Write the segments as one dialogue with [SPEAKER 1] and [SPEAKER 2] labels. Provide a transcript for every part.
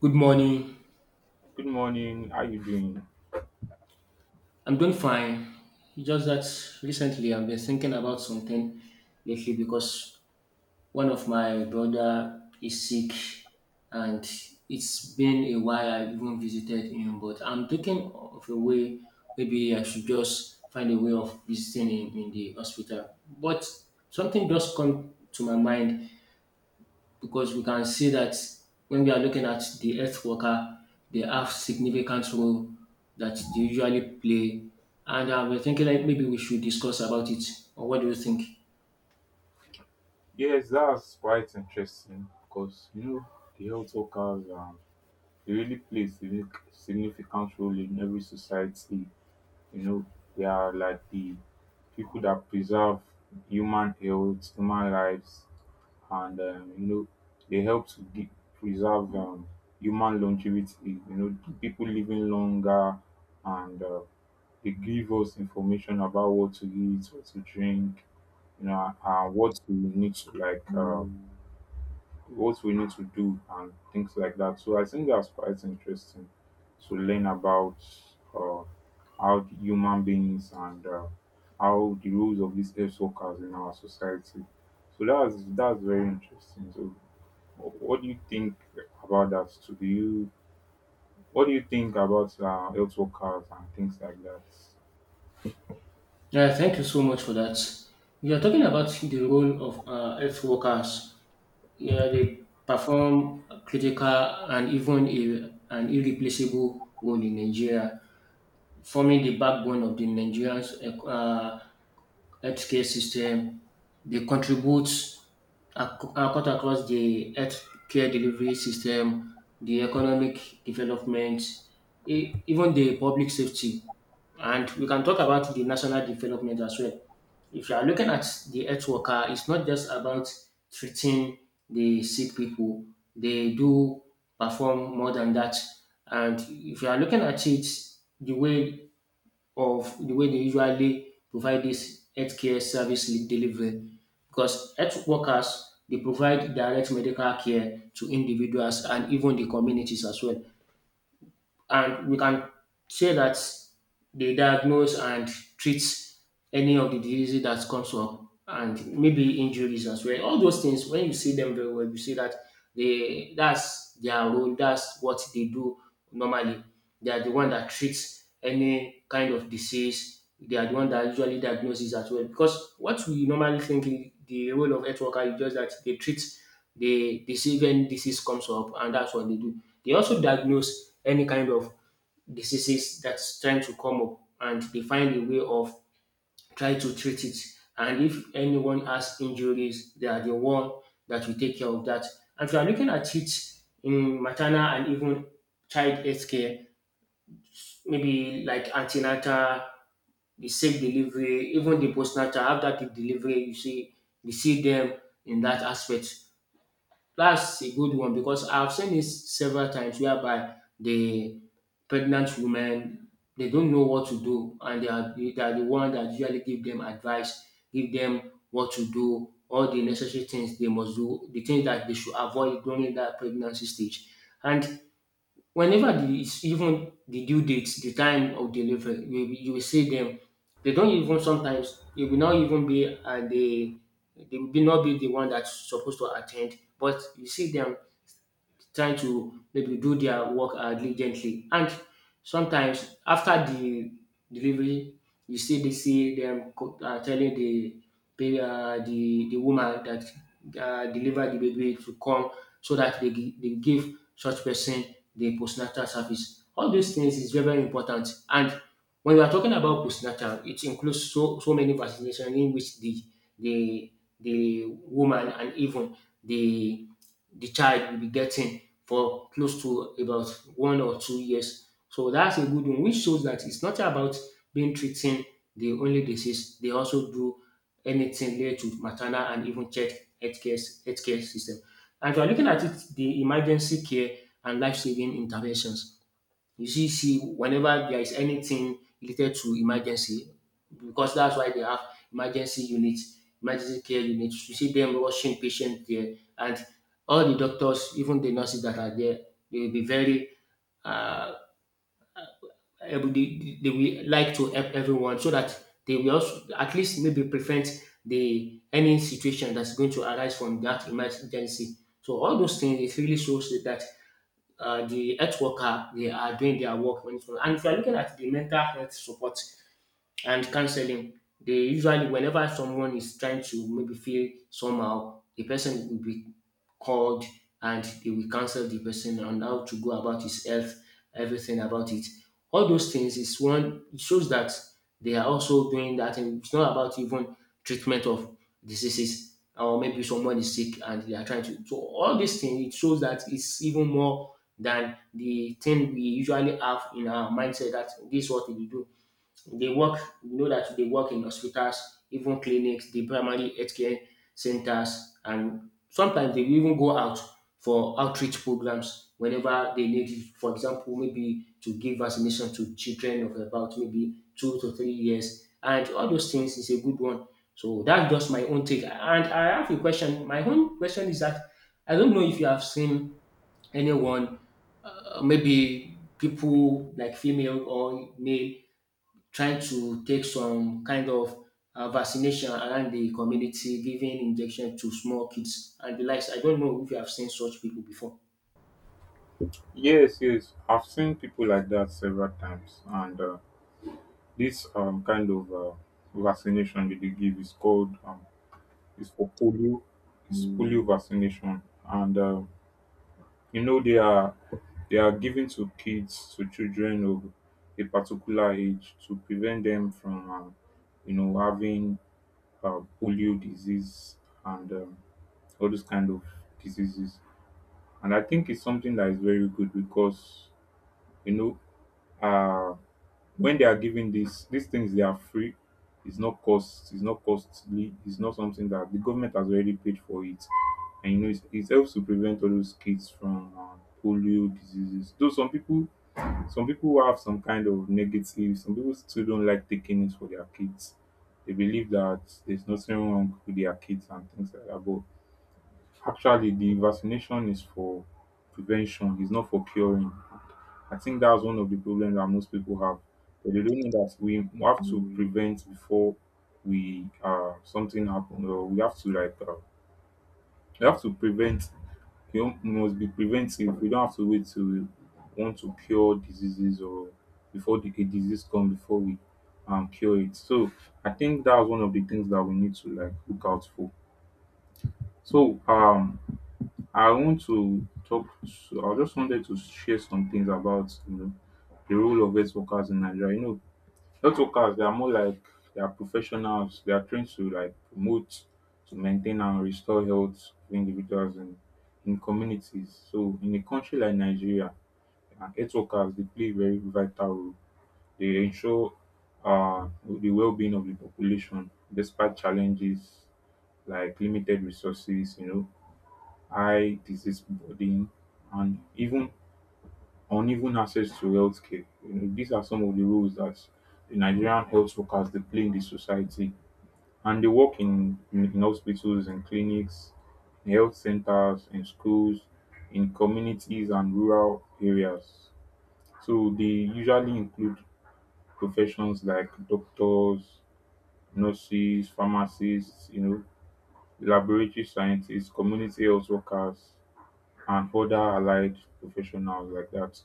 [SPEAKER 1] Good morning.
[SPEAKER 2] Good morning. How you doing?
[SPEAKER 1] I'm doing fine. It's just that recently I've been thinking about something lately because one of my brother is sick and it's been a while I even visited him, but I'm thinking of a way maybe I should just find a way of visiting him in the hospital. But something just come to my mind because we can see that when we are looking at the health worker, they have significant role that they usually play. And we are thinking like maybe we should discuss about it. Or what do you think?
[SPEAKER 2] Yes, that's quite interesting because you know the health workers they really play a significant role in every society. You know they are like the people that preserve human health, human lives, and you know they help to preserve human longevity. You know, people living longer and they give us information about what to eat, what to drink, you know, and what we need to what we need to do and things like that. So I think that's quite interesting to learn about uh, how the human beings and how the rules of these health workers in our society. So that's very interesting. So what do you think about that? So do you what do you think about health workers and things like that?
[SPEAKER 1] Yeah, thank you so much for that. We are talking about the role of health workers. Yeah, they perform a critical and even an irreplaceable role in Nigeria, forming the backbone of the Nigerian uh, healthcare system. They contribute cut across the healthcare delivery system, the economic development, even the public safety. And we can talk about the national development as well. If you are looking at the health worker, it's not just about treating the sick people. They do perform more than that. And if you are looking at it, the way the way they usually provide this healthcare delivery because health workers they provide direct medical care to individuals and even the communities as well. And we can say that they diagnose and treat any of the diseases that comes up and maybe injuries as well. All those things, when you see them very well, you see that they that's their role, that's what they do normally. They are the one that treats any kind of disease. They are the one that usually diagnoses as well. Because what we normally think is the role of health worker is just that they treat the disease when disease comes up, and that's what they do. They also diagnose any kind of diseases that's trying to come up, and they find a way of trying to treat it. And if anyone has injuries, they are the one that will take care of that. And if you are looking at it in maternal and even child health care, maybe like antenatal, the safe delivery, even the postnatal, after the delivery, you see them in that aspect. That's a good one because I've seen this several times whereby the pregnant women they don't know what to do and they are the one that usually give them advice, give them what to do, all the necessary things they must do, the things that they should avoid during that pregnancy stage. And whenever the is even the due date, the time of delivery, you will see them. They don't even sometimes they will not even be at the they will be not be the one that's supposed to attend, but you see them trying to maybe do their work diligently. And sometimes after the delivery, you still dey see them telling the the woman that deliver the baby to come so that they give such person the postnatal service. All these things is very important. And when we are talking about postnatal, it includes so many vaccinations in which the the woman and even the the child will be getting for close to about 1 or 2 years. So that's a good one, which shows that it's not about being treating the only disease. They also do anything related to maternal and even child healthcare, healthcare system. And if you're looking at it, the emergency care and life-saving interventions. See, whenever there is anything related to emergency, because that's why they have emergency unit, emergency care unit. You see them rushing patients there, and all the doctors, even the nurses that are there, they will be uh, they will like to help everyone so that they will also at least maybe prevent the any situation that's going to arise from that emergency. So all those things it really shows that the health worker they are doing their work when it comes. And if you are looking at the mental health support and counseling, they usually whenever someone is trying to maybe feel somehow, the person will be called and they will counsel the person on how to go about his health, everything about it. All those things is one it shows that they are also doing that and it's not about even treatment of diseases or maybe someone is sick and they are trying to so all these things it shows that it's even more than the thing we usually have in our mindset that this is what we do they work, you know that they work in hospitals, even clinics, the primary healthcare centers, and sometimes they will even go out for outreach programs whenever they need it. For example, maybe to give vaccination to children of about maybe 2 to 3 years. And all those things is a good one. So that's just my own take. And I have a question. My own question is that I don't know if you have seen anyone, maybe people like female or male, trying to take some kind of vaccination around the community, giving injection to small kids and the likes. I don't know if you have seen such people before.
[SPEAKER 2] Yes, yes, I've seen people like that several times, and this kind of vaccination that they give is called is for polio. It's polio vaccination, and you know they are given to kids, to children of a particular age to prevent them from you know, having polio disease and all those kind of diseases. And I think it's something that is very good because you know. uh, when they are giving this these things, they are free. It's not cost it's not costly. It's not something that the government has already paid for it, and you know it helps to prevent all those kids from polio diseases, though some people who have some kind of negative some people still don't like taking it for their kids. They believe that there's nothing wrong with their kids and things like that, but actually the vaccination is for prevention, it's not for curing. I think that's one of the problems that most people have, but they don't know that we have to prevent before we something happen, or we have to we have to prevent. You know, we must be preventive. We don't have to wait till we want to cure diseases, or before the a disease come before we cure it. So I think that's one of the things that we need to look out for. So I want to talk. I just wanted to share some things about you know the role of health workers in Nigeria. You know, health workers, they are more like they are professionals. They are trained to promote, to maintain and restore health of individuals and in communities. So in a country like Nigeria, health workers, they play a very vital role. They ensure the well-being of the population despite challenges like limited resources. You know, high disease burden, and even uneven access to health care. You know, these are some of the roles that the Nigerian health workers they play in the society, and they work in hospitals, and clinics, in health centers, in schools, in communities, and rural areas. So they usually include professions like doctors, nurses, pharmacists, you know, laboratory scientists, community health workers, and other allied professionals like that.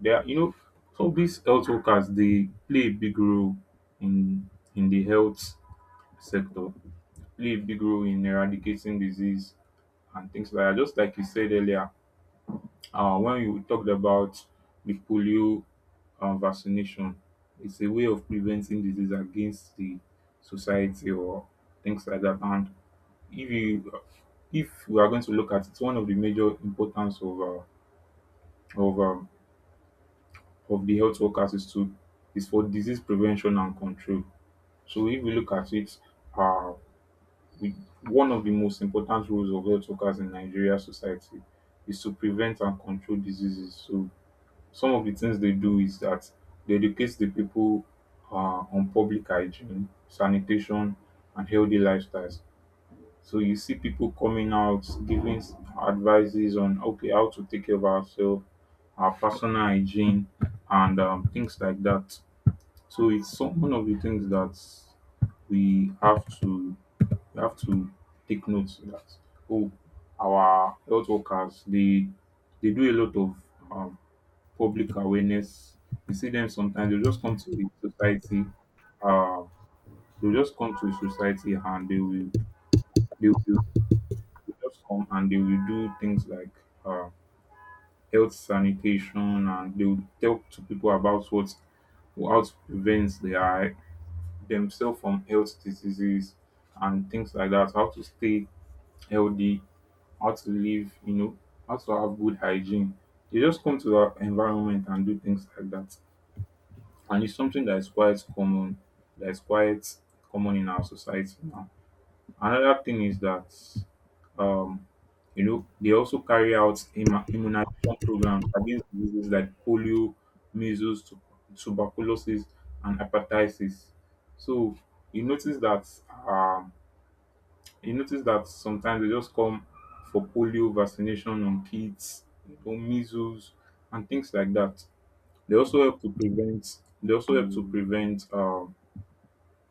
[SPEAKER 2] They are, you know, so these health workers they play a big role in in the health sector, play a big role in eradicating disease and things like that. Just like you said earlier, when you talked about the polio vaccination, it's a way of preventing disease against the society or things like that. And if you if we are going to look at it, one of the major importance of um, of the health workers is to is for disease prevention and control. So if we look at it, uh, we, one of the most important roles of health workers in Nigeria society is to prevent and control diseases. So some of the things they do is that they educate the people uh, on public hygiene, sanitation, and healthy lifestyles. So you see people coming out giving advices on okay how to take care of ourselves, our personal hygiene, and things like that. So it's some one of the things that we have to we have to take note that oh, our health workers, they do a lot of um, public awareness. You see them sometimes they just come to the society, uh, they just come to the society and they will they will they'll just come and they will do things like uh, health sanitation, and they will talk to people about what how to prevent their themselves from health diseases and things like that. How to stay healthy, how to live, you know, how to have good hygiene. They just come to our environment and do things like that. And it's something that is quite common, that is quite in our society now. Another thing is that um, you know they also carry out immunization programs against diseases like polio, measles, tuberculosis, and hepatitis. So you notice that um, sometimes they just come for polio vaccination on kids, you know, measles, and things like that. They also help to prevent. They also help to prevent.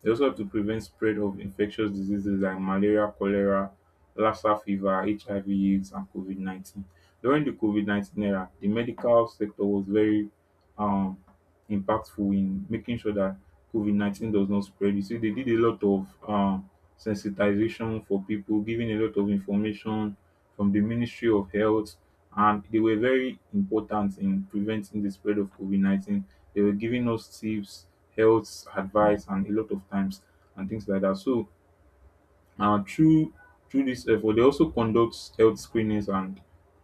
[SPEAKER 2] They also help to prevent spread of infectious diseases like malaria, cholera, Lassa fever, HIV/AIDS, and COVID 19. During the COVID 19 era, the medical sector was very um impactful in making sure that COVID-19 does not spread. You see, they did a lot of sensitization for people, giving a lot of information from the Ministry of Health, and they were very important in preventing the spread of COVID-19. They were giving us tips, health advice, and a lot of times and things like that. So na through this effort they also conduct health screenings and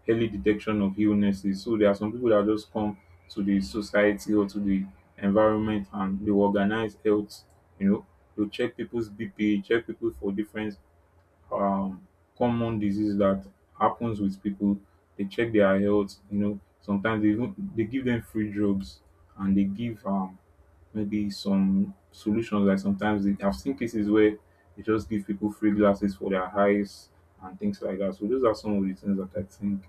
[SPEAKER 2] early detection of illnesses. So there are some people that just come to the society or to the environment and dey organize health, you know, to check people's BP, check people for different um common disease that happens with people. They check their health, you know, sometimes they even dey give them free drugs, and they give maybe some solutions. Like sometimes I've seen cases where they just give people free glasses for their eyes and things like that. So those are some of the things that I think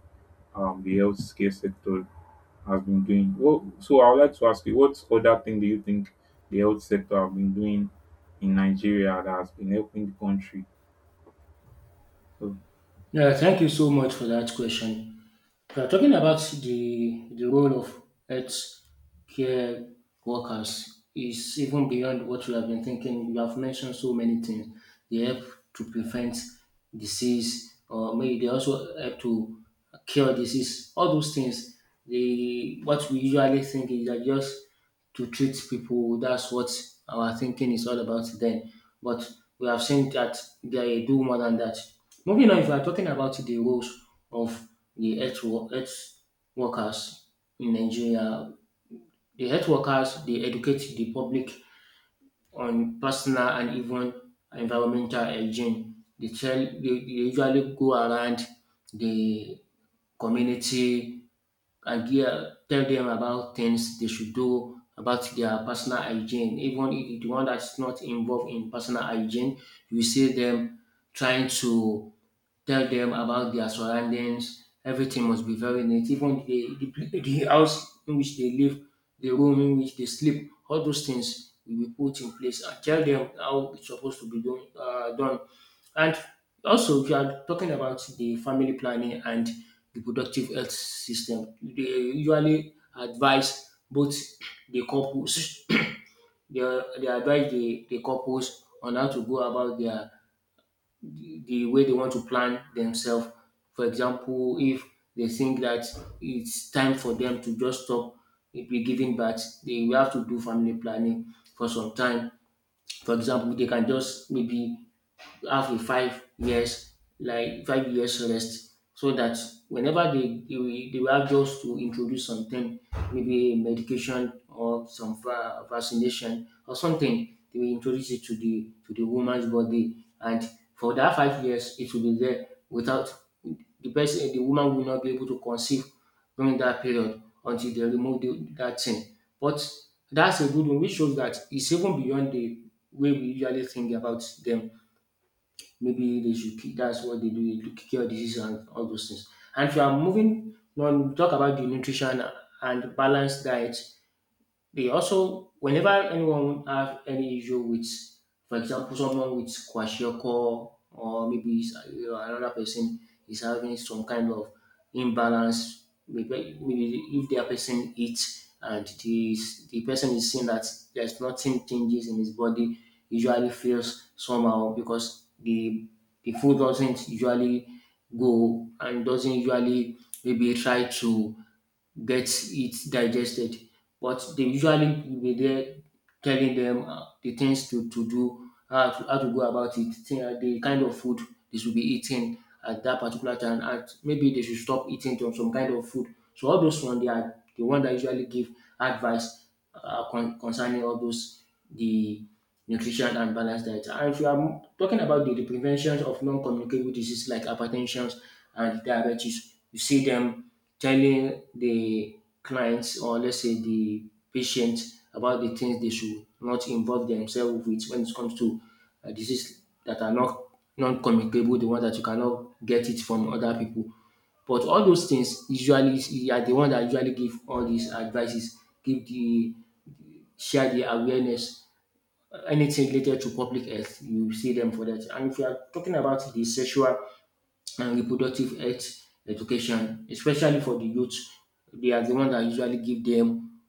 [SPEAKER 2] the healthcare sector has been doing. Well, so I would like to ask you, what other thing do you think the health sector have been doing in Nigeria that has been helping the country? So,
[SPEAKER 1] Yeah, thank you so much for that question. We are talking about the role of health care workers is even beyond what we have been thinking. You have mentioned so many things. They help to prevent disease, or maybe they also help to cure disease. All those things, they what we usually think is that just to treat people. That's what our thinking is all about then. But we have seen that they do more than that. Moving on, if we are talking about the roles of the health workers in Nigeria, the health workers they educate the public on personal and even environmental hygiene. They usually go around the community idea, tell them about things they should do about their personal hygiene. Even if the one that's not involved in personal hygiene, you see them trying to tell them about their surroundings. Everything must be very neat. Even the house in which they live, the room in which they sleep, all those things will be put in place and tell them how it's supposed to be done. And also, if you are talking about the family planning and reproductive health system, they usually advise both the couples, they advise the couples on how to go about their the way they want to plan themselves. For example, if they think that it's time for them to just stop be giving birth, they will have to do family planning for some time. For example, they can just maybe have a 5 years like 5 years rest so that whenever they will have just to introduce something maybe a medication or some vaccination or something they will introduce it to the woman's body and for that 5 years it will be there without the woman will not be able to conceive during that period until they remove that thing but that's a good one which shows that it's even beyond the way we usually think about them. Maybe they should keep that's what they do cure disease and all those things. And if you are moving on, talk about the nutrition and balanced diet. They also, whenever anyone have any issue with, for example, someone with kwashiorkor or you know, another person is having some kind of imbalance, maybe if their person eats and this, the person is seeing that there's nothing changes in his body, usually feels somehow because the food doesn't usually go and doesn't usually maybe try to gets it digested. But they usually will be there telling them the things to do, how to go about it, the kind of food they should be eating at that particular time, and maybe they should stop eating some kind of food. So all those ones, they are the one that usually give advice concerning all those the nutrition and balanced diet. And if you are talking about the prevention of non-communicable diseases like hypertension and diabetes, you see them telling the clients or let's say the patients about the things they should not involve themselves with when it comes to diseases that are not non-communicable, the one that you cannot get it from other people. But all those things, usually you are the one that usually give all these advices, give the share the awareness, anything related to public health, you see them for that. And if you are talking about the sexual and reproductive health education, especially for the youth, they are the ones that usually give them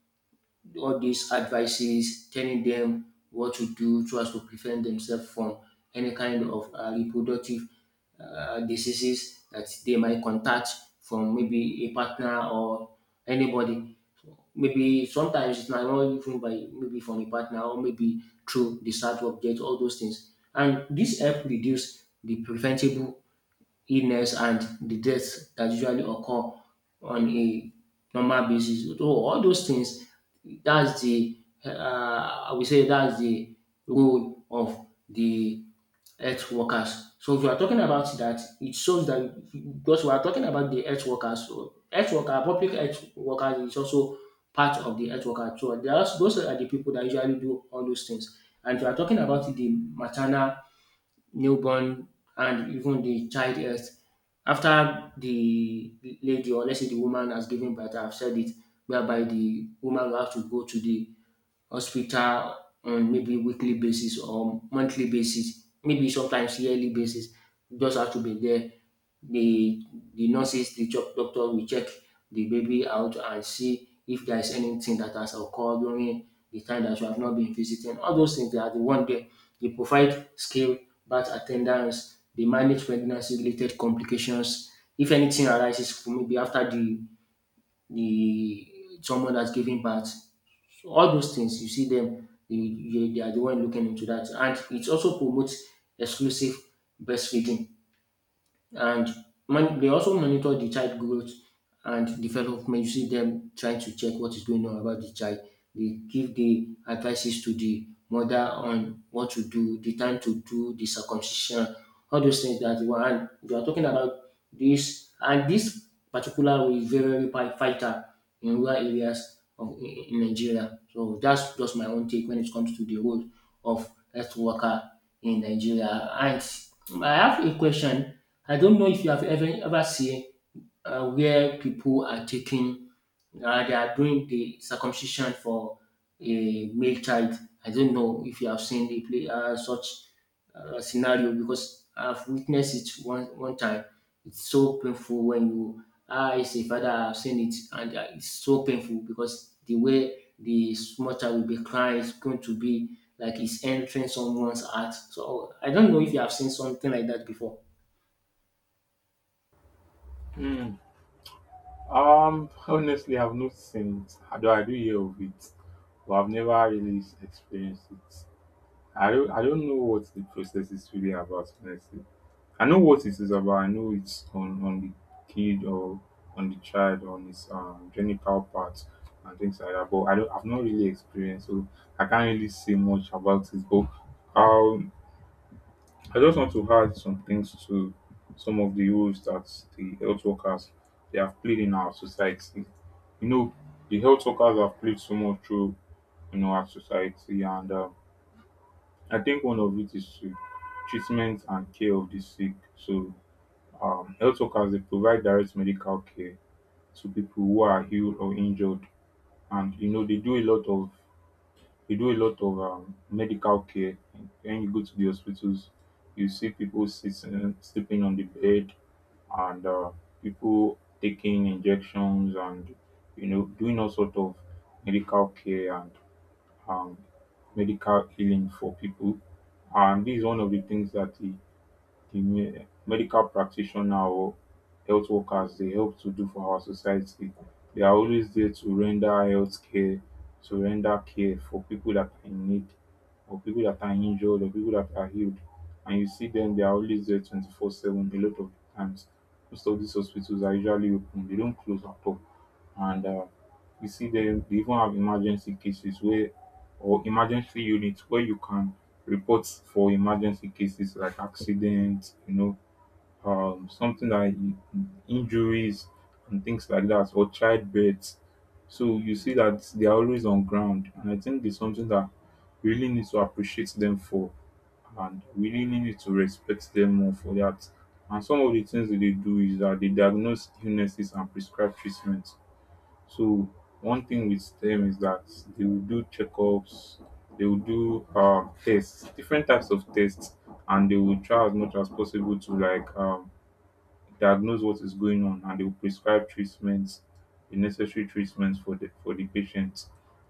[SPEAKER 1] all these advices, telling them what to do so as to prevent themselves from any kind of reproductive diseases that they might contact from maybe a partner or anybody. Maybe sometimes it's not only even by maybe from a partner or maybe through the sad object, all those things. And this help reduce the preventable illness and the death that usually occur on a normal basis. So all those things, that's the I would say that's the role of the health workers. So if you are talking about that, it shows that because we are talking about the health workers, so health worker, public health workers is also part of the health worker. So there are, those are the people that usually do all those things. And if you are talking about the maternal, newborn and even the child health. After the lady, or let's say the woman, has given birth, I've said it, whereby the woman will have to go to the hospital on maybe weekly basis or monthly basis, maybe sometimes yearly basis. You just have to be there. The the nurses, the doctor will check the baby out and see if there is anything that has occurred during the time that you have not been visiting. All those things, they are the one there. They provide skill, birth attendance, they manage pregnancy related complications. If anything arises for maybe after the someone that's giving birth. So all those things you see them, they are the one looking into that, and it also promotes exclusive breastfeeding. And man, they also monitor the child growth and development. You see them trying to check what is going on about the child. They give the advices to the mother on what to do, the time to do the circumcision, all those things that you are. And you are talking about this, and this particular way is very, very, vital in rural areas of in Nigeria. So that's just my own take when it comes to the role of health worker in Nigeria. And I have a question. I don't know if you have ever seen where people are taking they are doing the circumcision for a male child. I don't know if you have seen the play such scenario, because I've witnessed it one time. It's so painful when you, I as a father, I have seen it, and it's so painful, because the way the small child will be crying is going to be like it's entering someone's heart. So I don't know if you have seen something like that before.
[SPEAKER 2] hmm, honestly, I've not seen it. I do hear of it, but I've never really experienced it. I don't know what the process is really about, honestly. I know what it is about. I know it's on the kid or on the child, on his genital parts and things like that. But I don't, I've not really experienced, so I can't really say much about it. But um, I just want to add some things to some of the roles that the health workers they have played in our society. You know, the health workers have played so much role in our society, and I think one of it is to treatment and care of the sick. So, health workers they provide direct medical care to people who are ill or injured, and you know they do a lot of medical care. When you go to the hospitals, you see people sitting, sleeping on the bed, and people taking injections and you know doing all sort of medical care and um, medical healing for people. And this is one of the things that the medical practitioner or health workers they help to do for our society. They are always there to render health care, to render care for people that are in need, or people that are injured, or people that are healed. And you see them, they are always there 24/7 a lot of times. Most of these hospitals are usually open, they don't close at all. And you see them, they even have emergency cases where or emergency units where you can report for emergency cases like accidents, something like injuries and things like that, or childbirth. So you see that they are always on ground, and I think it's something that we really need to appreciate them for, and we really need to respect them more for that. And some of the things that they do is that they diagnose illnesses and prescribe treatment. So one thing with them is that they will do checkups, they will do tests, different types of tests, and they will try as much as possible to like diagnose what is going on, and they will prescribe treatments, the necessary treatments for the patient.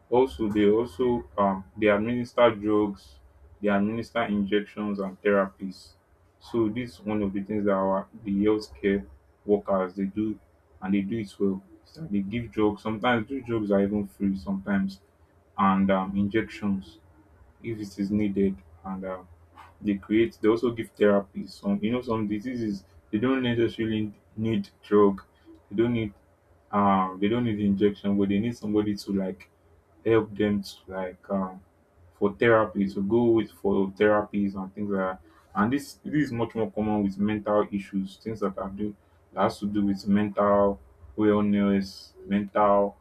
[SPEAKER 2] Also they administer drugs, they administer injections and therapies. So this is one of the things that our the healthcare workers they do, and they do it well. Is that They give drugs. Sometimes those drugs are even free. Sometimes. And injections, if it is needed. And they create they also give therapies. Some you know some diseases, they don't necessarily need drug, they don't need injection, but they need somebody to like help them to like for therapy to go with for therapies and things like that. And this is much more common with mental issues, things that are do that has to do with mental wellness, mental,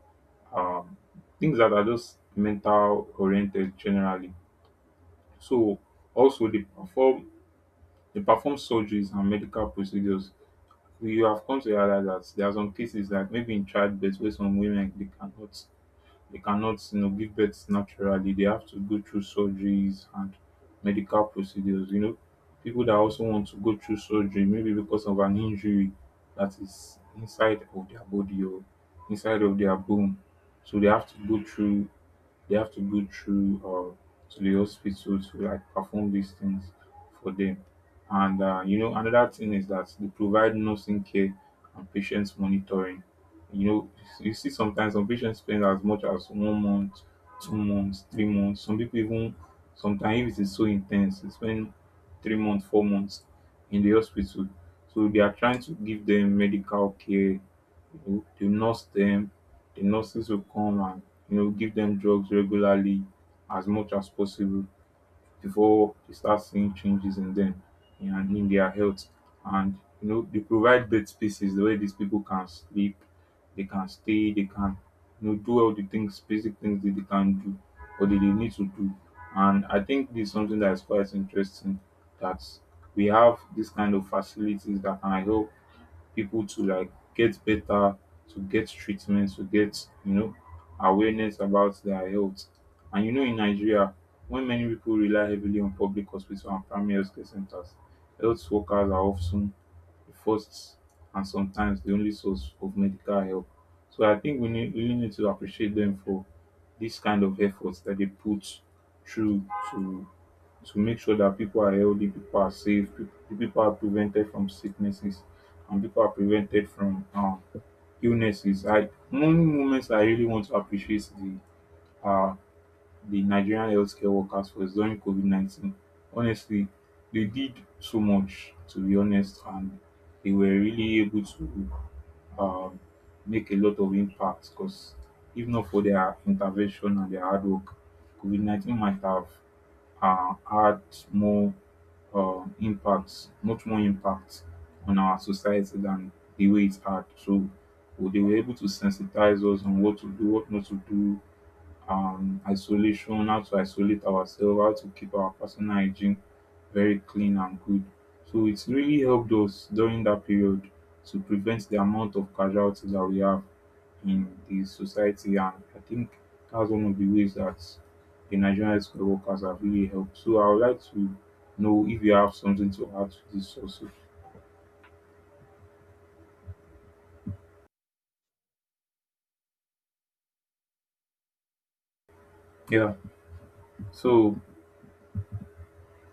[SPEAKER 2] um things that are just mental oriented generally. So also they perform surgeries and medical procedures. We have come to realize that there are some cases like maybe in childbirth where some women, they cannot, give birth naturally. They have to go through surgeries and medical procedures. You know, people that also want to go through surgery maybe because of an injury that is inside of their body or inside of their bone. So they have to go through they have to go through to the hospital to like perform these things for them. And another thing is that they provide nursing care and patients monitoring. You know, you see sometimes some patients spend as much as one month, 2 months, 3 months. Some people even sometimes, if it is so intense, they spend 3 months, 4 months in the hospital. So they are trying to give them medical care. You know, they nurse them, the nurses will come and give them drugs regularly as much as possible before they start seeing changes in them and in their health. And they provide bed spaces where these people can sleep, they can stay, they can, do all the things, basic things that they can do or that they need to do. And I think this is something that is quite interesting, that we have this kind of facilities that can help people to like get better, to get treatment, to get, awareness about their health. And in Nigeria, when many people rely heavily on public hospitals and primary healthcare centers, health workers are often the first and sometimes the only source of medical help. So I think we need, really need to appreciate them for this kind of efforts that they put through to make sure that people are healthy, people are safe, people are prevented from sicknesses, and people are prevented from illnesses. I One moment I really want to appreciate the uh, the Nigerian healthcare workers for is during COVID-19. Honestly, they did so much, to be honest, and they were really able to um, make a lot of impact, because if not for their intervention and their hard work, COVID-19 might have had more impact, much more impact on our society than the way it had. So, well, they were able to sensitize us on what to do, what not to do, isolation, how to isolate ourselves, how to keep our personal hygiene very clean and good. So it's really helped us during that period to prevent the amount of casualties that we have in the society. And I think that's one of the ways that the Nigerian healthcare workers have really helped. So I would like to know if you have something to add to this also. Yeah. So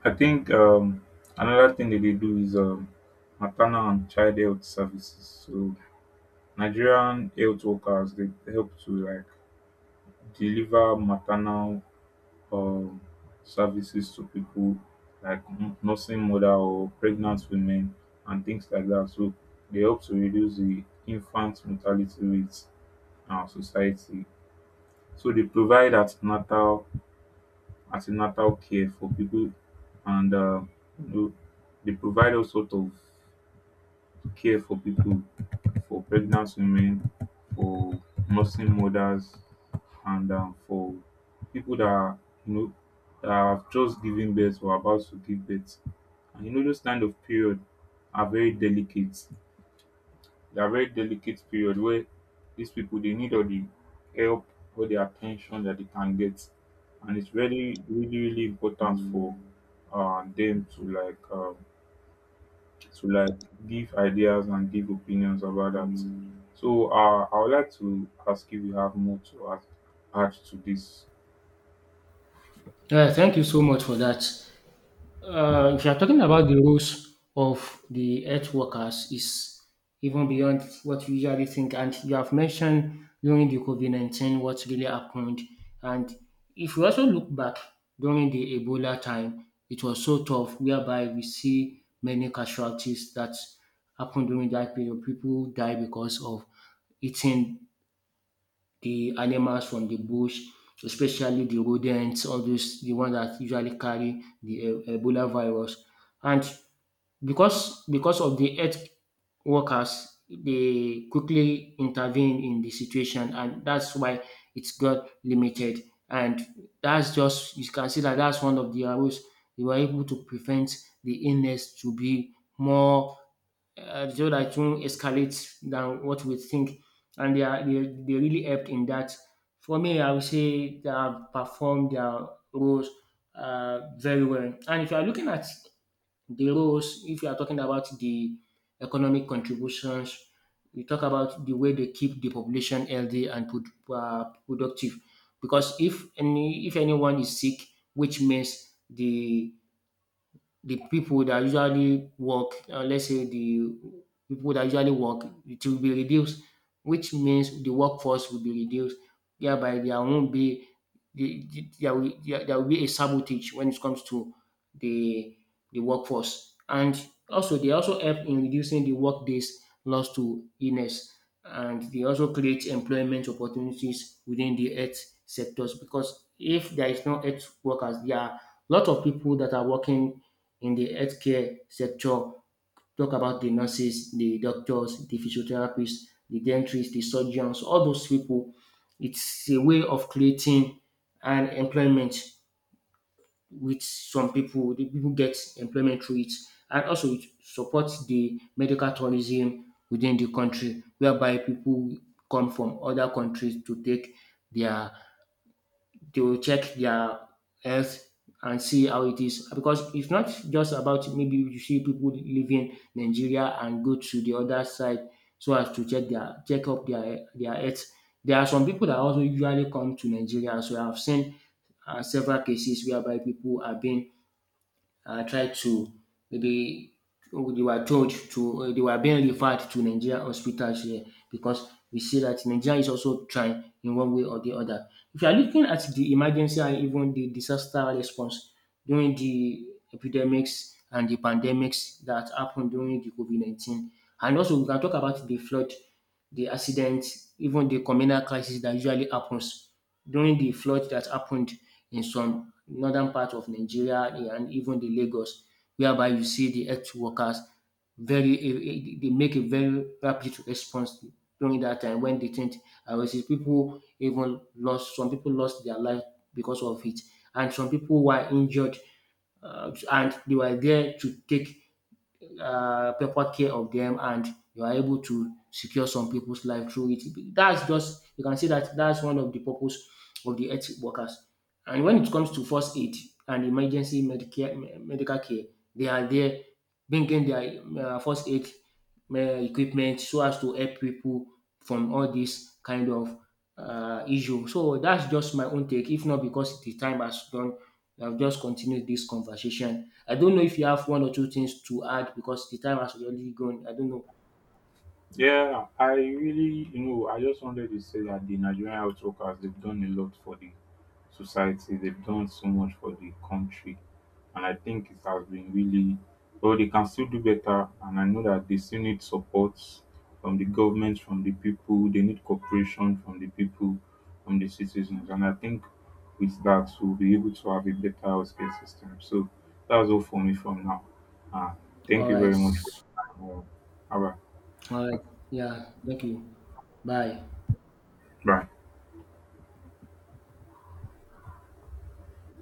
[SPEAKER 2] I think another thing that they do is maternal and child health services. So Nigerian health workers, they help to like deliver maternal um services to people like nursing mother or pregnant women and things like that. So they help to reduce the infant mortality rates in our society. So they provide an ten atal an care for people, and dey provide all sort of care for people, for pregnant women, for nursing mothers, and for people that are, you know, that have just given birth or about to give birth. And those kind of period are very delicate. They are very delicate period where these people they need all the help, all the attention that they can get, and it's really, really, really important for them to like. To like give ideas and give opinions about that. So I would like to ask if you have more to add, to this.
[SPEAKER 1] Yeah, thank you so much for that. If you are talking about the roles of the health workers, is even beyond what you usually think, and you have mentioned during the COVID-19 what really happened. And if you also look back during the Ebola time, it was so tough, whereby we see many casualties that happened during that period. People die because of eating the animals from the bush, especially the rodents, all those the one that usually carry the Ebola virus. And because of the health workers, they quickly intervene in the situation, and that's why it's got limited. And that's just, you can see that that's one of the arrows, they were able to prevent the illness to be more, so that won't escalate than what we think. And they are, they really helped in that. For me, I would say they have performed their roles very well. And if you are looking at the roles, if you are talking about the economic contributions, you talk about the way they keep the population healthy and productive. Because if any if anyone is sick, which means the people that usually work, let's say the people that usually work, it will be reduced, which means the workforce will be reduced, thereby there won't be there will be a sabotage when it comes to the the workforce. And also they also help in reducing the workdays lost to illness, and they also create employment opportunities within the health sectors. Because if there is no health workers, there are a lot of people that are working in the healthcare sector, talk about the nurses, the doctors, the physiotherapists, the dentists, the surgeons, all those people. It's a way of creating an employment with some people. The people get employment through it, and also it supports the medical tourism within the country, whereby people come from other countries to take their they will check their health and see how it is. Because it's not just about maybe you see people leaving Nigeria and go to the other side so as to check up their health. There are some people that also usually come to Nigeria. So I've seen several cases whereby people are being tried to, maybe they were told to they were being referred to Nigerian hospitals here, because we see that Nigeria is also trying in one way or the other. If you are looking at the emergency and even the disaster response during the epidemics and the pandemics that happened during the COVID 19, and also we can talk about the flood, the accident, even the communal crisis that usually happens during the flood that happened in some northern part of Nigeria, and even the Lagos, whereby you see the health workers very they make a very rapid response during that time. When they think, I will see people, even lost, some people lost their life because of it, and some people were injured, and they were there to take proper care of them, and you are able to secure some people's life through it. That's just, you can see that that's one of the purpose of the health workers. And when it comes to first aid and emergency medicare medical care, they are there bringing their first aid equipment so as to help people from all dis kind of issue. So that's just my own take. If not because the time has done, I have just continued this conversation. I don't know if you have one or two things to add, because the time has already gone. I don't know.
[SPEAKER 2] Yeah, I really, I just wanted to say that the Nigerian health workers, they've done a lot for the society, they've done so much for the country. And I think it has been really, well, they can still do better. And I know that they still need support from the government, from the people, they need cooperation from the people, from the citizens. And I think with that, we'll be able to have a better healthcare system. So that's all for me from now. Uh, thank
[SPEAKER 1] All
[SPEAKER 2] you
[SPEAKER 1] right.
[SPEAKER 2] very much for your time. Bye.
[SPEAKER 1] All right. Yeah. Thank you. Bye.
[SPEAKER 2] Bye.